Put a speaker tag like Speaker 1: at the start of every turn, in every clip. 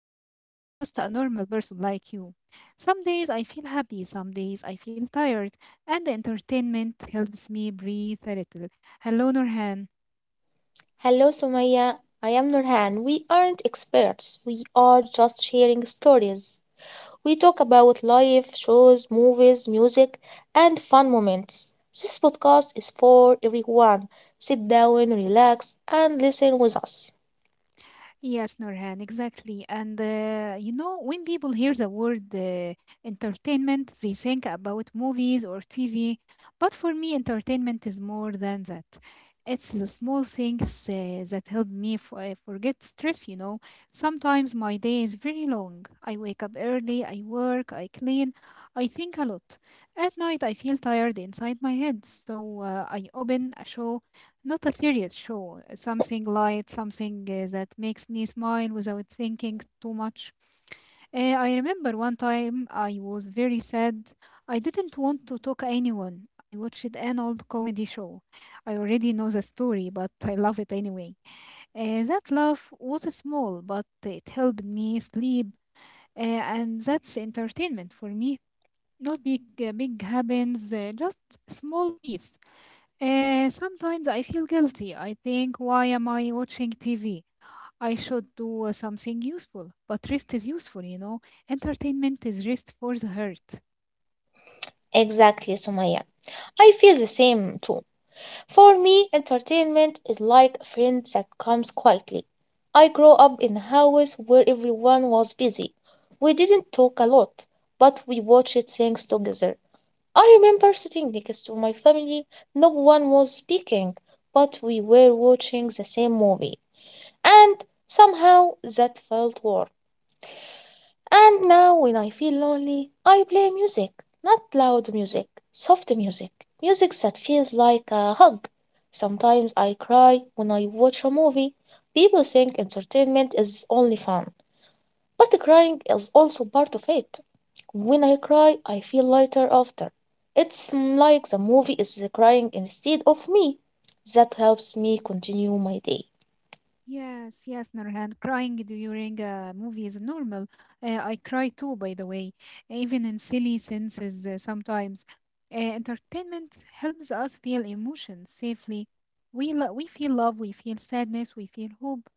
Speaker 1: Sumaya, and I am just a normal person like you. Some days I feel happy, some days I feel tired, and the entertainment helps me breathe a little. Hello, Nurhan.
Speaker 2: Hello, Sumaya. I am Nurhan. We aren't experts. We are just sharing stories. We talk about life, shows, movies, music, and fun moments. This podcast is for everyone. Sit down, relax, and listen with us.
Speaker 1: Yes, Norhan, exactly. And you know, when people hear the word entertainment, they think about movies or TV. But for me, entertainment is more than that. It's the small things that help me forget stress. Sometimes my day is very long. I wake up early, I work, I clean, I think a lot. At night, I feel tired inside my head, so I open a show, not a serious show, something light, something that makes me smile without thinking too much. I remember one time I was very sad. I didn't want to talk anyone. I watched an old comedy show. I already know the story, but I love it anyway. That love was small, but it helped me sleep, and that's entertainment for me. Not big, big happens, just small piece. Sometimes I feel guilty. I think, why am I watching TV? I should do something useful. But rest is useful. Entertainment is rest for the heart.
Speaker 2: Exactly, Sumaya. I feel the same too. For me, entertainment is like a friend that comes quietly. I grew up in a house where everyone was busy. We didn't talk a lot, but we watched things together. I remember sitting next to my family, no one was speaking, but we were watching the same movie. And somehow that felt warm. And now, when I feel lonely, I play music, not loud music, soft music, music that feels like a hug. Sometimes I cry when I watch a movie. People think entertainment is only fun, but crying is also part of it. When I cry, I feel lighter after. It's like the movie is crying instead of me. That helps me continue my day.
Speaker 1: Yes, yes, Nurhan. Crying during a movie is normal. I cry too, by the way, even in silly senses sometimes. Entertainment helps us feel emotions safely. We feel love, we feel sadness, we feel hope.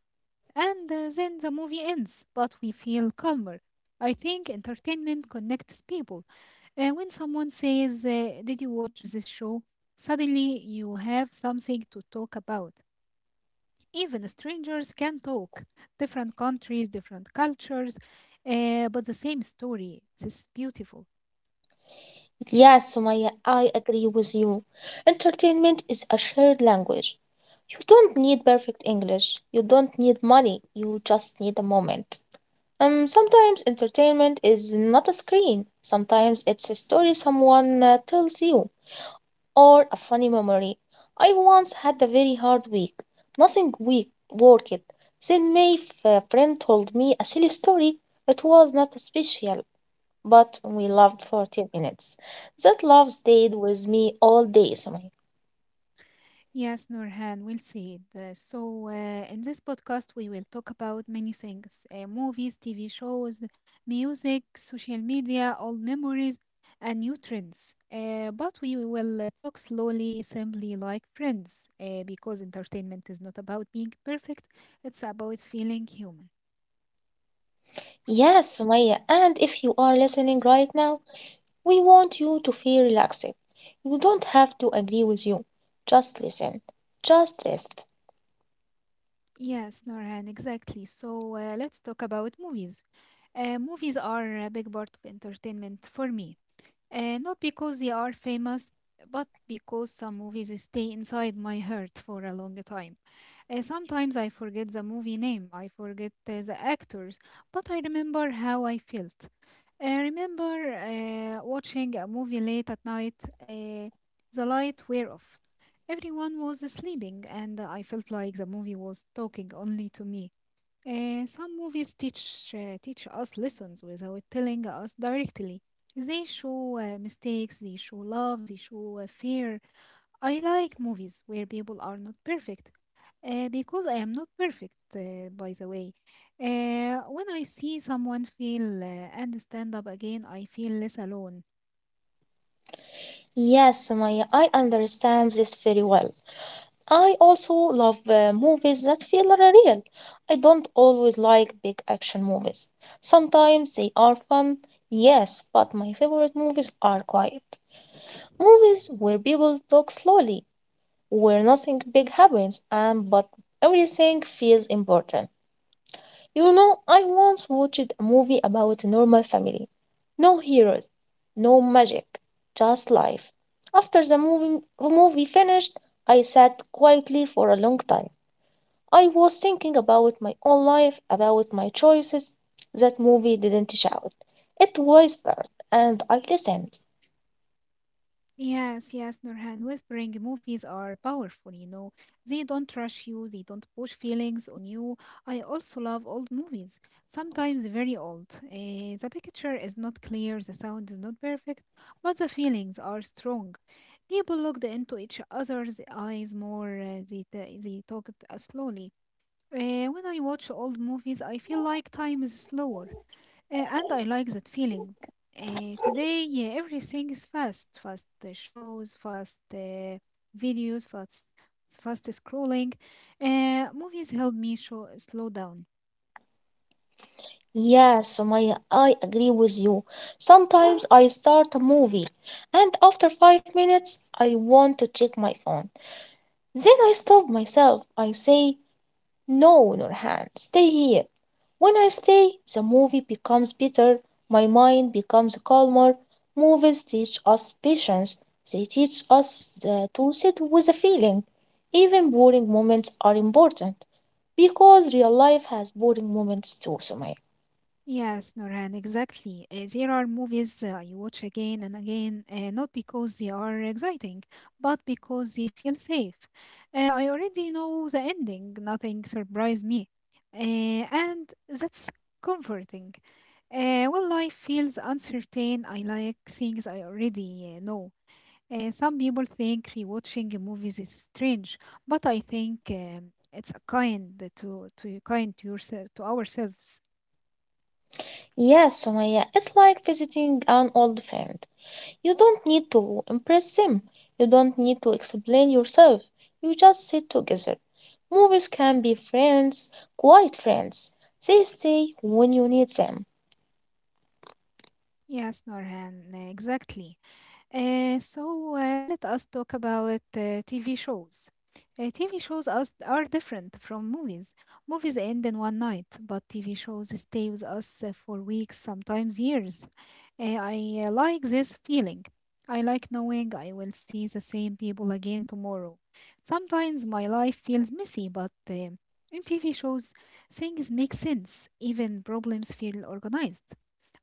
Speaker 1: And then the movie ends, but we feel calmer. I think entertainment connects people. When someone says, did you watch this show? Suddenly you have something to talk about. Even strangers can talk, different countries, different cultures, but the same story. This is beautiful.
Speaker 2: Yes, Sumaya, I agree with you. Entertainment is a shared language. You don't need perfect English. You don't need money. You just need a moment. Sometimes entertainment is not a screen. Sometimes it's a story someone tells you or a funny memory. I once had a very hard week. Nothing week worked. Then my friend told me a silly story. It was not special but we loved 40 minutes. That love stayed with me all day, Sumaya.
Speaker 1: Yes, Nurhan, we'll see it. So, in this podcast, we will talk about many things, movies, TV shows, music, social media, old memories, and new trends. But we will talk slowly, simply like friends, because entertainment is not about being perfect, it's about feeling human.
Speaker 2: Yes, Sumaya, and if you are listening right now, we want you to feel relaxed. You don't have to agree with you. Just listen. Just rest.
Speaker 1: Yes, Norhan, exactly. So, let's talk about movies. Movies are a big part of entertainment for me. Not because they are famous, but because some movies stay inside my heart for a long time. Sometimes I forget the movie name, I forget the actors, but I remember how I felt. I remember watching a movie late at night, uh, the light were off. Everyone was sleeping, and I felt like the movie was talking only to me. Some movies teach us lessons without telling us directly. They show mistakes, they show love, they show fear. I like movies where people are not perfect because I am not perfect, by the way. When I see someone fail and stand up again, I feel less alone.
Speaker 2: Yes, Sumaya, I understand this very well. I also love movies that feel real. I don't always like big action movies. Sometimes they are fun, yes, but my favorite movies are quiet. Movies where people talk slowly, where nothing big happens, and but everything feels important. You know, I once watched a movie about a normal family. No heroes, no magic, just life. After the movie finished, I sat quietly for a long time. I was thinking about my own life, about my choices. That movie didn't shout. It whispered, and I listened.
Speaker 1: Yes, yes, Nurhan. Whispering movies are powerful, you know. They don't rush you, they don't push feelings on you. I also love old movies, sometimes very old. The picture is not clear, the sound is not perfect, but the feelings are strong. People looked into each other's eyes more, they talked slowly. When I watch old movies, I feel like time is slower. And I like that feeling. Today, yeah, everything is fast, shows, fast videos, fast scrolling. Movies help me show, slow down.
Speaker 2: Yeah, Sumaya, I agree with you. Sometimes I start a movie, and after 5 minutes, I want to check my phone. Then I stop myself. I say, no, Nurhan, stay here. When I stay, the movie becomes better, my mind becomes calmer. Movies teach us patience, they teach us to sit with a feeling. Even boring moments are important because real life has boring moments too, Sumaya.
Speaker 1: Yes, Norhan, exactly. There are movies you watch again and again, not because they are exciting, but because they feel safe. I already know the ending, nothing surprised me. Uh, and that's comforting. When life feels uncertain, I like things I already know. Some people think rewatching movies is strange, but I think it's a kind to yourself to ourselves.
Speaker 2: Yes, Sumaya, it's like visiting an old friend. You don't need to impress them. You don't need to explain yourself. You just sit together. Movies can be friends, quiet friends. They stay when you need them.
Speaker 1: Yes, Norhan, exactly. So let us talk about TV shows. TV shows us are different from movies. Movies end in one night, but TV shows stay with us for weeks, sometimes years. I like this feeling. I like knowing I will see the same people again tomorrow. Sometimes my life feels messy, but in TV shows, things make sense. Even problems feel organized.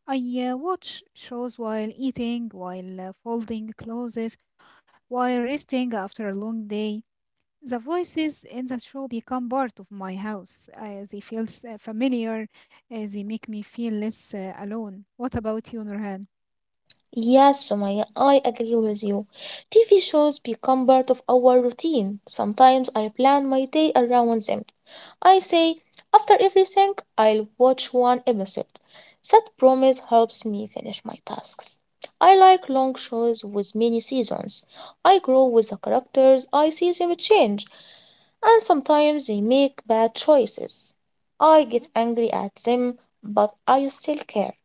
Speaker 1: I watch shows while eating, while folding clothes, while resting after a long day. The voices in the show become part of my house. They feel familiar. They make me feel less alone. What about you, Nurhan?
Speaker 2: Yes, Sumaya, I agree with you. TV shows become part of our routine. Sometimes I plan my day around them. I say, after everything, I'll watch one episode. That promise helps me finish my tasks. I like long shows with many seasons. I grow with the characters, I see them change, and sometimes they make bad choices. I get angry at them, but I still care.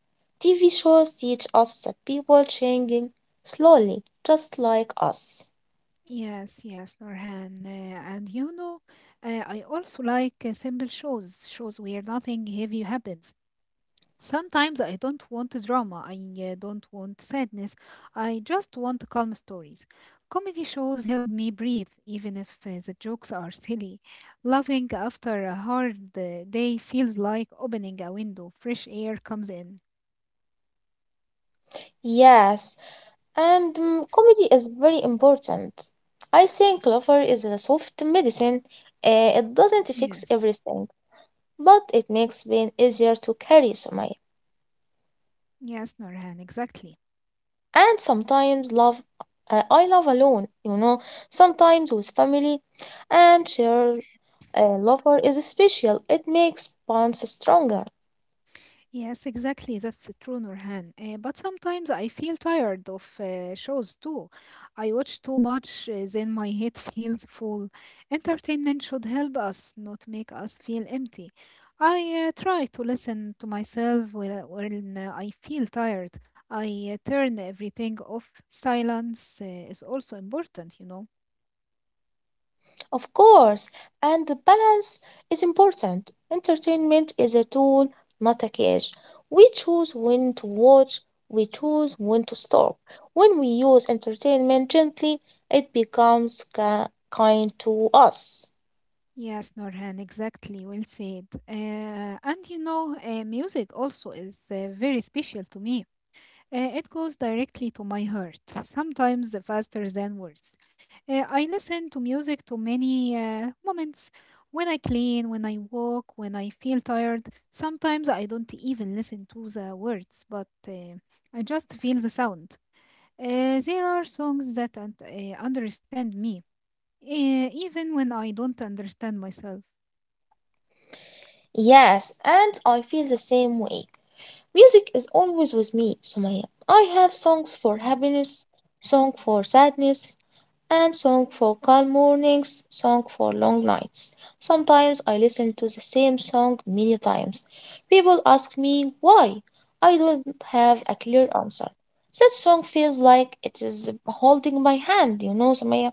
Speaker 2: TV shows teach us that people changing slowly, just like us.
Speaker 1: Yes, yes, Nurhan. And you know, I also like simple shows, shows where nothing heavy happens. Sometimes I don't want drama, I don't want sadness, I just want calm stories. Comedy shows help me breathe, even if the jokes are silly. Laughing after a hard day feels like opening a window, fresh air comes in.
Speaker 2: Yes, and comedy is very important. I think laughter is a soft medicine. It doesn't fix
Speaker 1: Yes,
Speaker 2: everything, but it makes pain easier to carry, Sumaya.
Speaker 1: yes, Norhan, exactly.
Speaker 2: And sometimes love, I love alone, you know, sometimes with family, and share a lover is special. It makes bonds stronger.
Speaker 1: Yes, exactly. That's true, Nurhan. But sometimes I feel tired of shows too. I watch too much, then my head feels full. Entertainment should help us, not make us feel empty. I try to listen to myself when I feel tired. I turn everything off. Silence is also important, you know.
Speaker 2: Of course, and the balance is important. Entertainment is a tool, not a cage. We choose when to watch, we choose when to stop. When we use entertainment gently, it becomes kind to us.
Speaker 1: Yes, Norhan, exactly. Well said. And you know, music also is very special to me. It goes directly to my heart, sometimes faster than words. I listen to music to many moments, when I clean, when I walk, when I feel tired. Sometimes I don't even listen to the words, but I just feel the sound. There are songs that understand me, even when I don't understand myself.
Speaker 2: Yes, and I feel the same way. Music is always with me, Sumaya. I have songs for
Speaker 1: Yes.
Speaker 2: happiness, song for sadness, and song for calm mornings, song for long nights. Sometimes I listen to the same song many times. People ask me why. I don't have a clear answer. That song feels like it is holding my hand, you know, Samaya.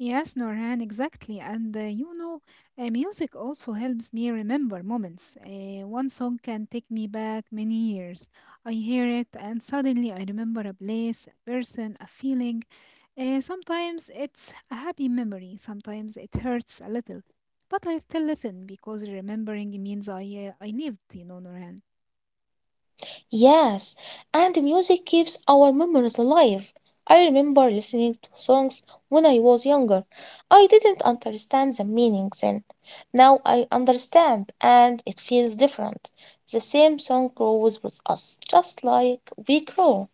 Speaker 1: Yes, Norhan, exactly. And you know, music also helps me remember moments. One song can take me back many years. I hear it and suddenly I remember a place, a person, a feeling. Sometimes it's a happy memory, sometimes it hurts a little. But I still listen because remembering means I lived, you know, Norhan.
Speaker 2: Yes, and music keeps our memories alive. I remember listening to songs when I was younger. I didn't understand the meaning then. Now I understand, and it feels different. The same song grows with us, just like we grow.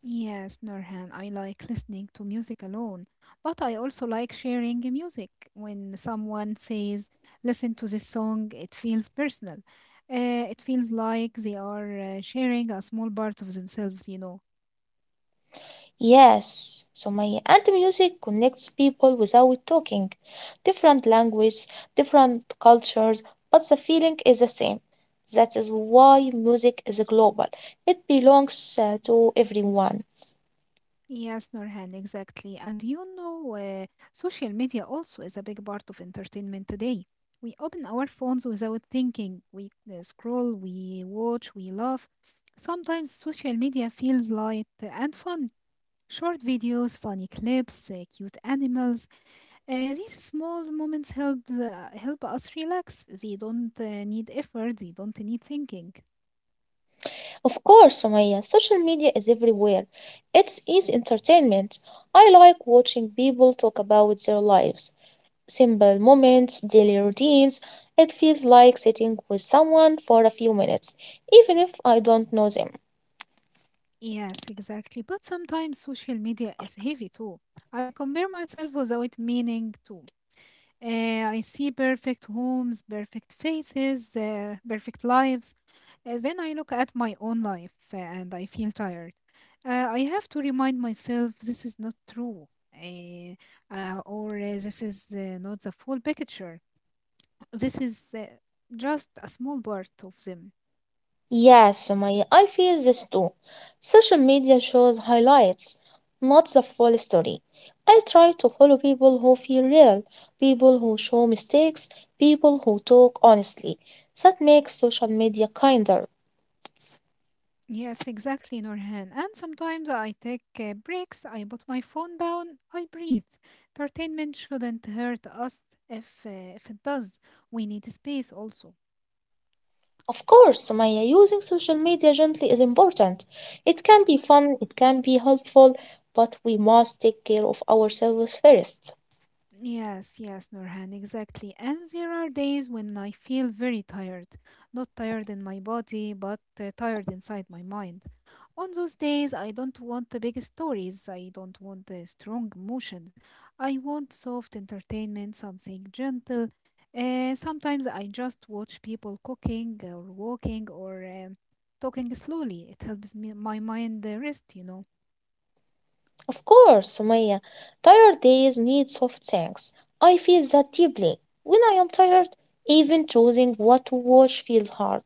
Speaker 1: Yes, Norhan, I like listening to music alone, but I also like sharing music. When someone says, listen to this song, it feels personal. It feels like they are sharing a small part of themselves, you know.
Speaker 2: Yes, Sumaya. And the music connects people without talking. Different language, different cultures, but the feeling is the same. That is why music is global. It belongs to everyone.
Speaker 1: Yes, Norhan, exactly. And you know, social media also is a big part of entertainment today. We open our phones without thinking. We scroll, we watch, we laugh. Sometimes social media feels light and fun. Short videos, funny clips, cute animals. These small moments help us relax. They don't need effort. They don't need thinking.
Speaker 2: Of course, Sumaya, social media is everywhere. It's easy entertainment. I like watching people talk about their lives, simple moments, daily routines. It feels like sitting with someone for a few minutes, even if I don't know them.
Speaker 1: Yes, exactly. But sometimes social media is heavy too. I compare myself without meaning to. I see perfect homes, perfect faces, perfect lives. Then I look at my own life and I feel tired. I have to remind myself this is not true, uh, or this is not the full picture. This is just a small part of them.
Speaker 2: Yes, Sumaya, I feel this too. Social media shows highlights, not the full story. I try to follow people who feel real, people who show mistakes, people who talk honestly. That makes social media kinder.
Speaker 1: Yes, exactly, Norhan. And sometimes I take breaks, I put my phone down, I breathe. Entertainment shouldn't hurt us if it does. We need space also.
Speaker 2: Of course, Sumaya, using social media gently is important. It can be fun, it can be helpful, but we must take care of ourselves first.
Speaker 1: Yes, yes, Norhan, exactly. And there are days when I feel very tired. Not tired in my body, but tired inside my mind. On those days, I don't want the big stories. I don't want the strong emotions. I want soft entertainment, something gentle. Sometimes I just watch people cooking or walking or talking slowly. It helps me, my mind rest, you know.
Speaker 2: Of course, Sumaya, tired days need soft things. I feel that deeply. When I am tired, even choosing what to watch feels hard.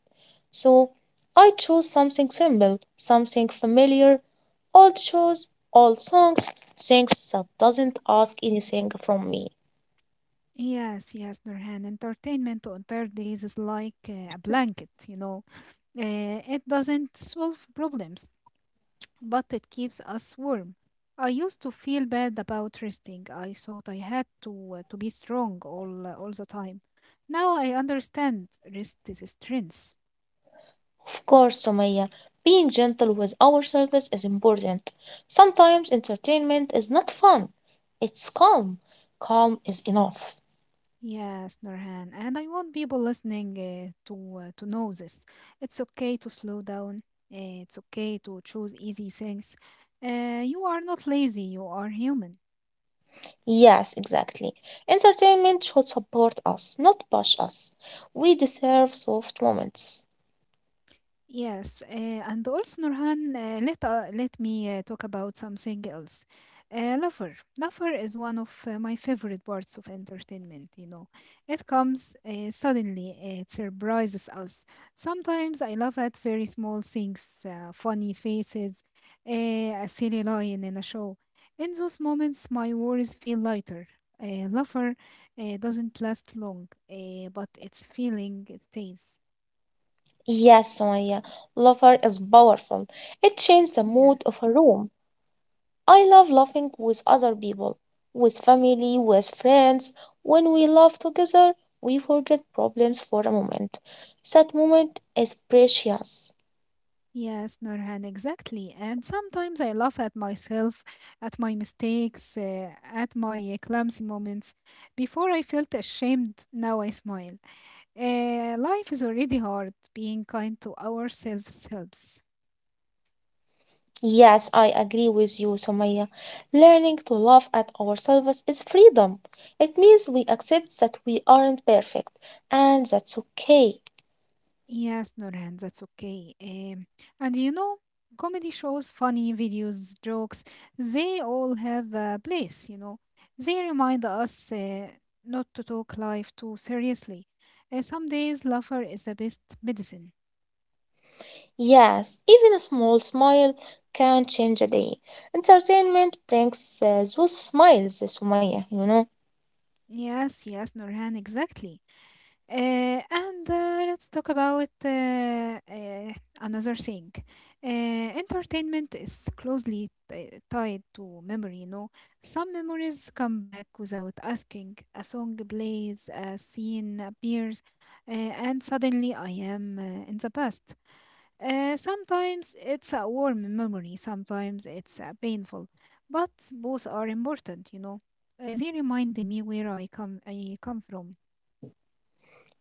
Speaker 2: So I chose something simple, something familiar, old shows, old songs, things that doesn't ask anything from me.
Speaker 1: Yes, yes, Nurhan. Entertainment on third days is like a blanket, you know. It doesn't solve problems, but it keeps us warm. I used to feel bad about resting. I thought I had to be strong all the time. Now I understand rest is strength.
Speaker 2: Of course, Sumaya, being gentle with ourselves is important. Sometimes entertainment is not fun. It's calm. Calm is enough.
Speaker 1: Yes, Nurhan, and I want people listening to to know this. It's okay to slow down. It's okay to choose easy things. You are not lazy. You are human.
Speaker 2: Yes, exactly. Entertainment should support us, not push us. We deserve soft moments.
Speaker 1: Yes, and also Nurhan, let me talk about something else. Lover is one of my favorite parts of entertainment. You know, it comes suddenly. It surprises us. Sometimes I laugh at very small things, funny faces, a silly line in a show. In those moments, my worries feel lighter. Lover doesn't last long, but its feeling stays.
Speaker 2: Yes, Sumaya, laughter is powerful. It changes the mood of
Speaker 1: Yes.
Speaker 2: a room. I love laughing with other people, with family, with friends. When we laugh together, we forget problems for a moment. That moment is precious.
Speaker 1: Yes, Norhan, exactly. And sometimes I laugh at myself, at my mistakes, at my clumsy moments. Before I felt ashamed, now I smile. Life is already hard. Being kind to ourselves helps.
Speaker 2: Yes, I agree with you, Sumaya. Learning to laugh at ourselves is freedom. It means we accept that we aren't perfect, and that's okay.
Speaker 1: Yes, Nurhan, that's okay. And comedy shows, funny videos, jokes, they all have a place. They remind us not to talk life too seriously. Some days, laughter is the best medicine.
Speaker 2: Yes, even a small smile can change a day. Entertainment brings those smiles, Sumaya, you know.
Speaker 1: Yes, yes, Nurhan, exactly. And Let's talk about another thing. Entertainment is closely tied to memory, Some memories come back without asking. A song plays, a scene appears, and suddenly I am in the past. Sometimes it's a warm memory, sometimes it's painful, but both are important. They remind me where I come from.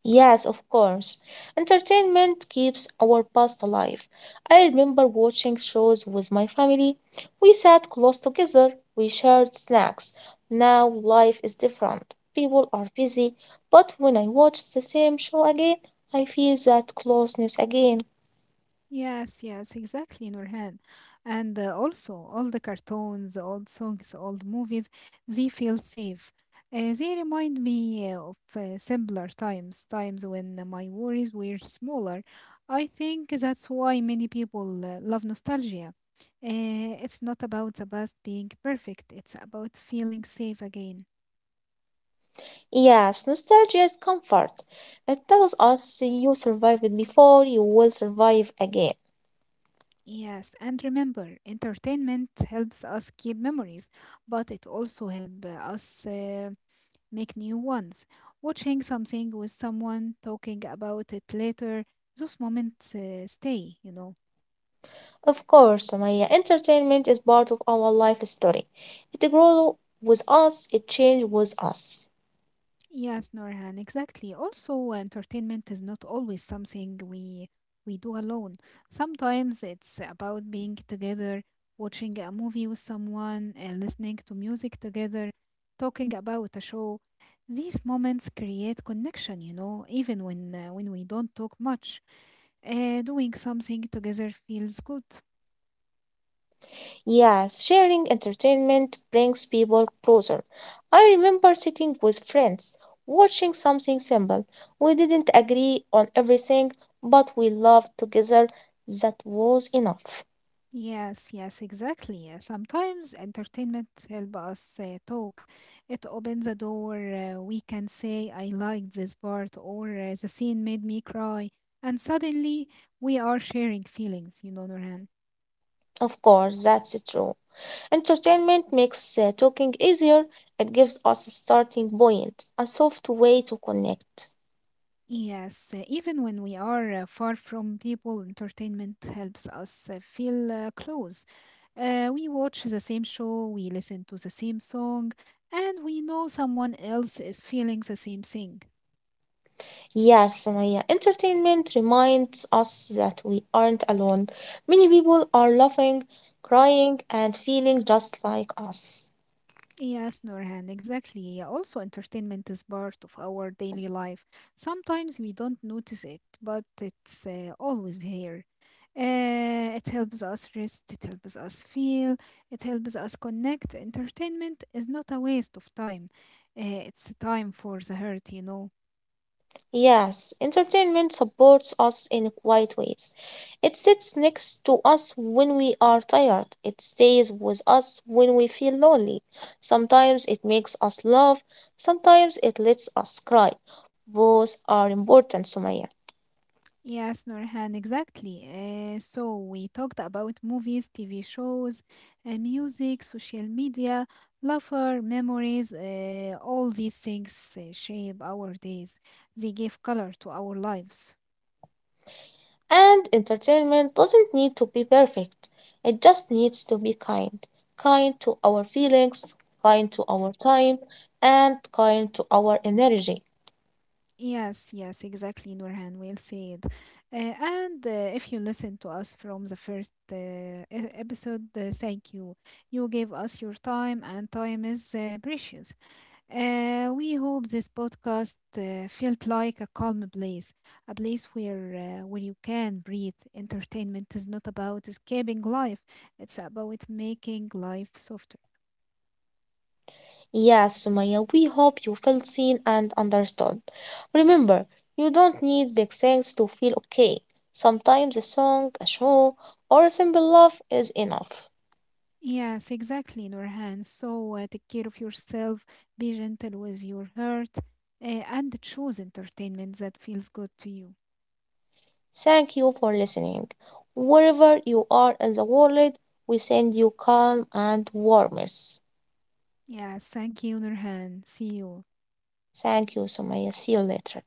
Speaker 2: Yes, of course. Entertainment keeps our past alive. I remember watching shows with my family. We sat close together, we shared snacks. Now life is different. People are busy, but when I watch the same show again, I feel that closeness again.
Speaker 1: Yes, yes, exactly, Nurhan. And Also, all the cartoons, old songs, old movies, they feel safe. They remind me of simpler times, times when my worries were smaller. I think that's why many people love nostalgia. It's not about the past being perfect, it's about feeling safe again.
Speaker 2: Yes, nostalgia is comfort. It tells us you survived before, you will survive again.
Speaker 1: Yes, and remember, entertainment helps us keep memories, but it also helps us. Make new ones. Watching something with someone, talking about it later, those moments stay.
Speaker 2: Of course, Sumaya, entertainment is part of our life story. It grows with us, it changes with us.
Speaker 1: Yes, Norhan, exactly. Also, entertainment is not always something we do alone. Sometimes it's about being together, watching a movie with someone, listening to music together, talking about a show. These moments create connection, even when we don't talk much. Doing something together feels good.
Speaker 2: Yes, sharing entertainment brings people closer. I remember sitting with friends, watching something simple. We didn't agree on everything, but we loved together. That was enough.
Speaker 1: Yes, yes, exactly. Sometimes entertainment help us talk. It opens a door. We can say, I liked this part, or the scene made me cry. And suddenly, we are sharing feelings, Norhan.
Speaker 2: Of course, that's true. Entertainment makes talking easier. It gives us a starting point, a soft way to connect.
Speaker 1: Yes, even when we are far from people, entertainment helps us feel close. We watch the same show, we listen to the same song, and we know someone else is feeling the same thing.
Speaker 2: Yes, Sumaya, entertainment reminds us that we aren't alone. Many people are laughing, crying, and feeling just like us.
Speaker 1: Yes, Nurhan, exactly. Also, entertainment is part of our daily life. Sometimes we don't notice it, but it's always here. It helps us rest, it helps us feel, it helps us connect. Entertainment is not a waste of time, it's a time for the heart.
Speaker 2: Yes, entertainment supports us in quiet ways. It sits next to us when we are tired. It stays with us when we feel lonely. Sometimes it makes us laugh, sometimes it lets us cry. Both are important, Sumaya.
Speaker 1: Yes, Nurhan, exactly. So we talked about movies, TV shows, music, social media, laughter, memories. All these things shape our days. They give color to our lives.
Speaker 2: And entertainment doesn't need to be perfect, it just needs to be kind. Kind to our feelings, kind to our time, and kind to our energy.
Speaker 1: Yes, yes, exactly, Nurhan. Well said. And If you listen to us from the first episode, thank you. You gave us your time, and time is precious. We hope this podcast felt like a calm place, a place where you can breathe. Entertainment is not about escaping life; it's about making life softer.
Speaker 2: Yes, Sumaya, we hope you felt seen and understood. Remember, you don't need big things to feel okay. Sometimes a song, a show, or a simple love is enough.
Speaker 1: Yes, exactly, Nurhan. So take care of yourself, be gentle with your heart, and choose entertainment that feels good to you.
Speaker 2: Thank you for listening. Wherever you are in the world, we send you calm and warmth.
Speaker 1: Yes, thank you, Nurhan. See you.
Speaker 2: Thank you, Sumaya. See you later.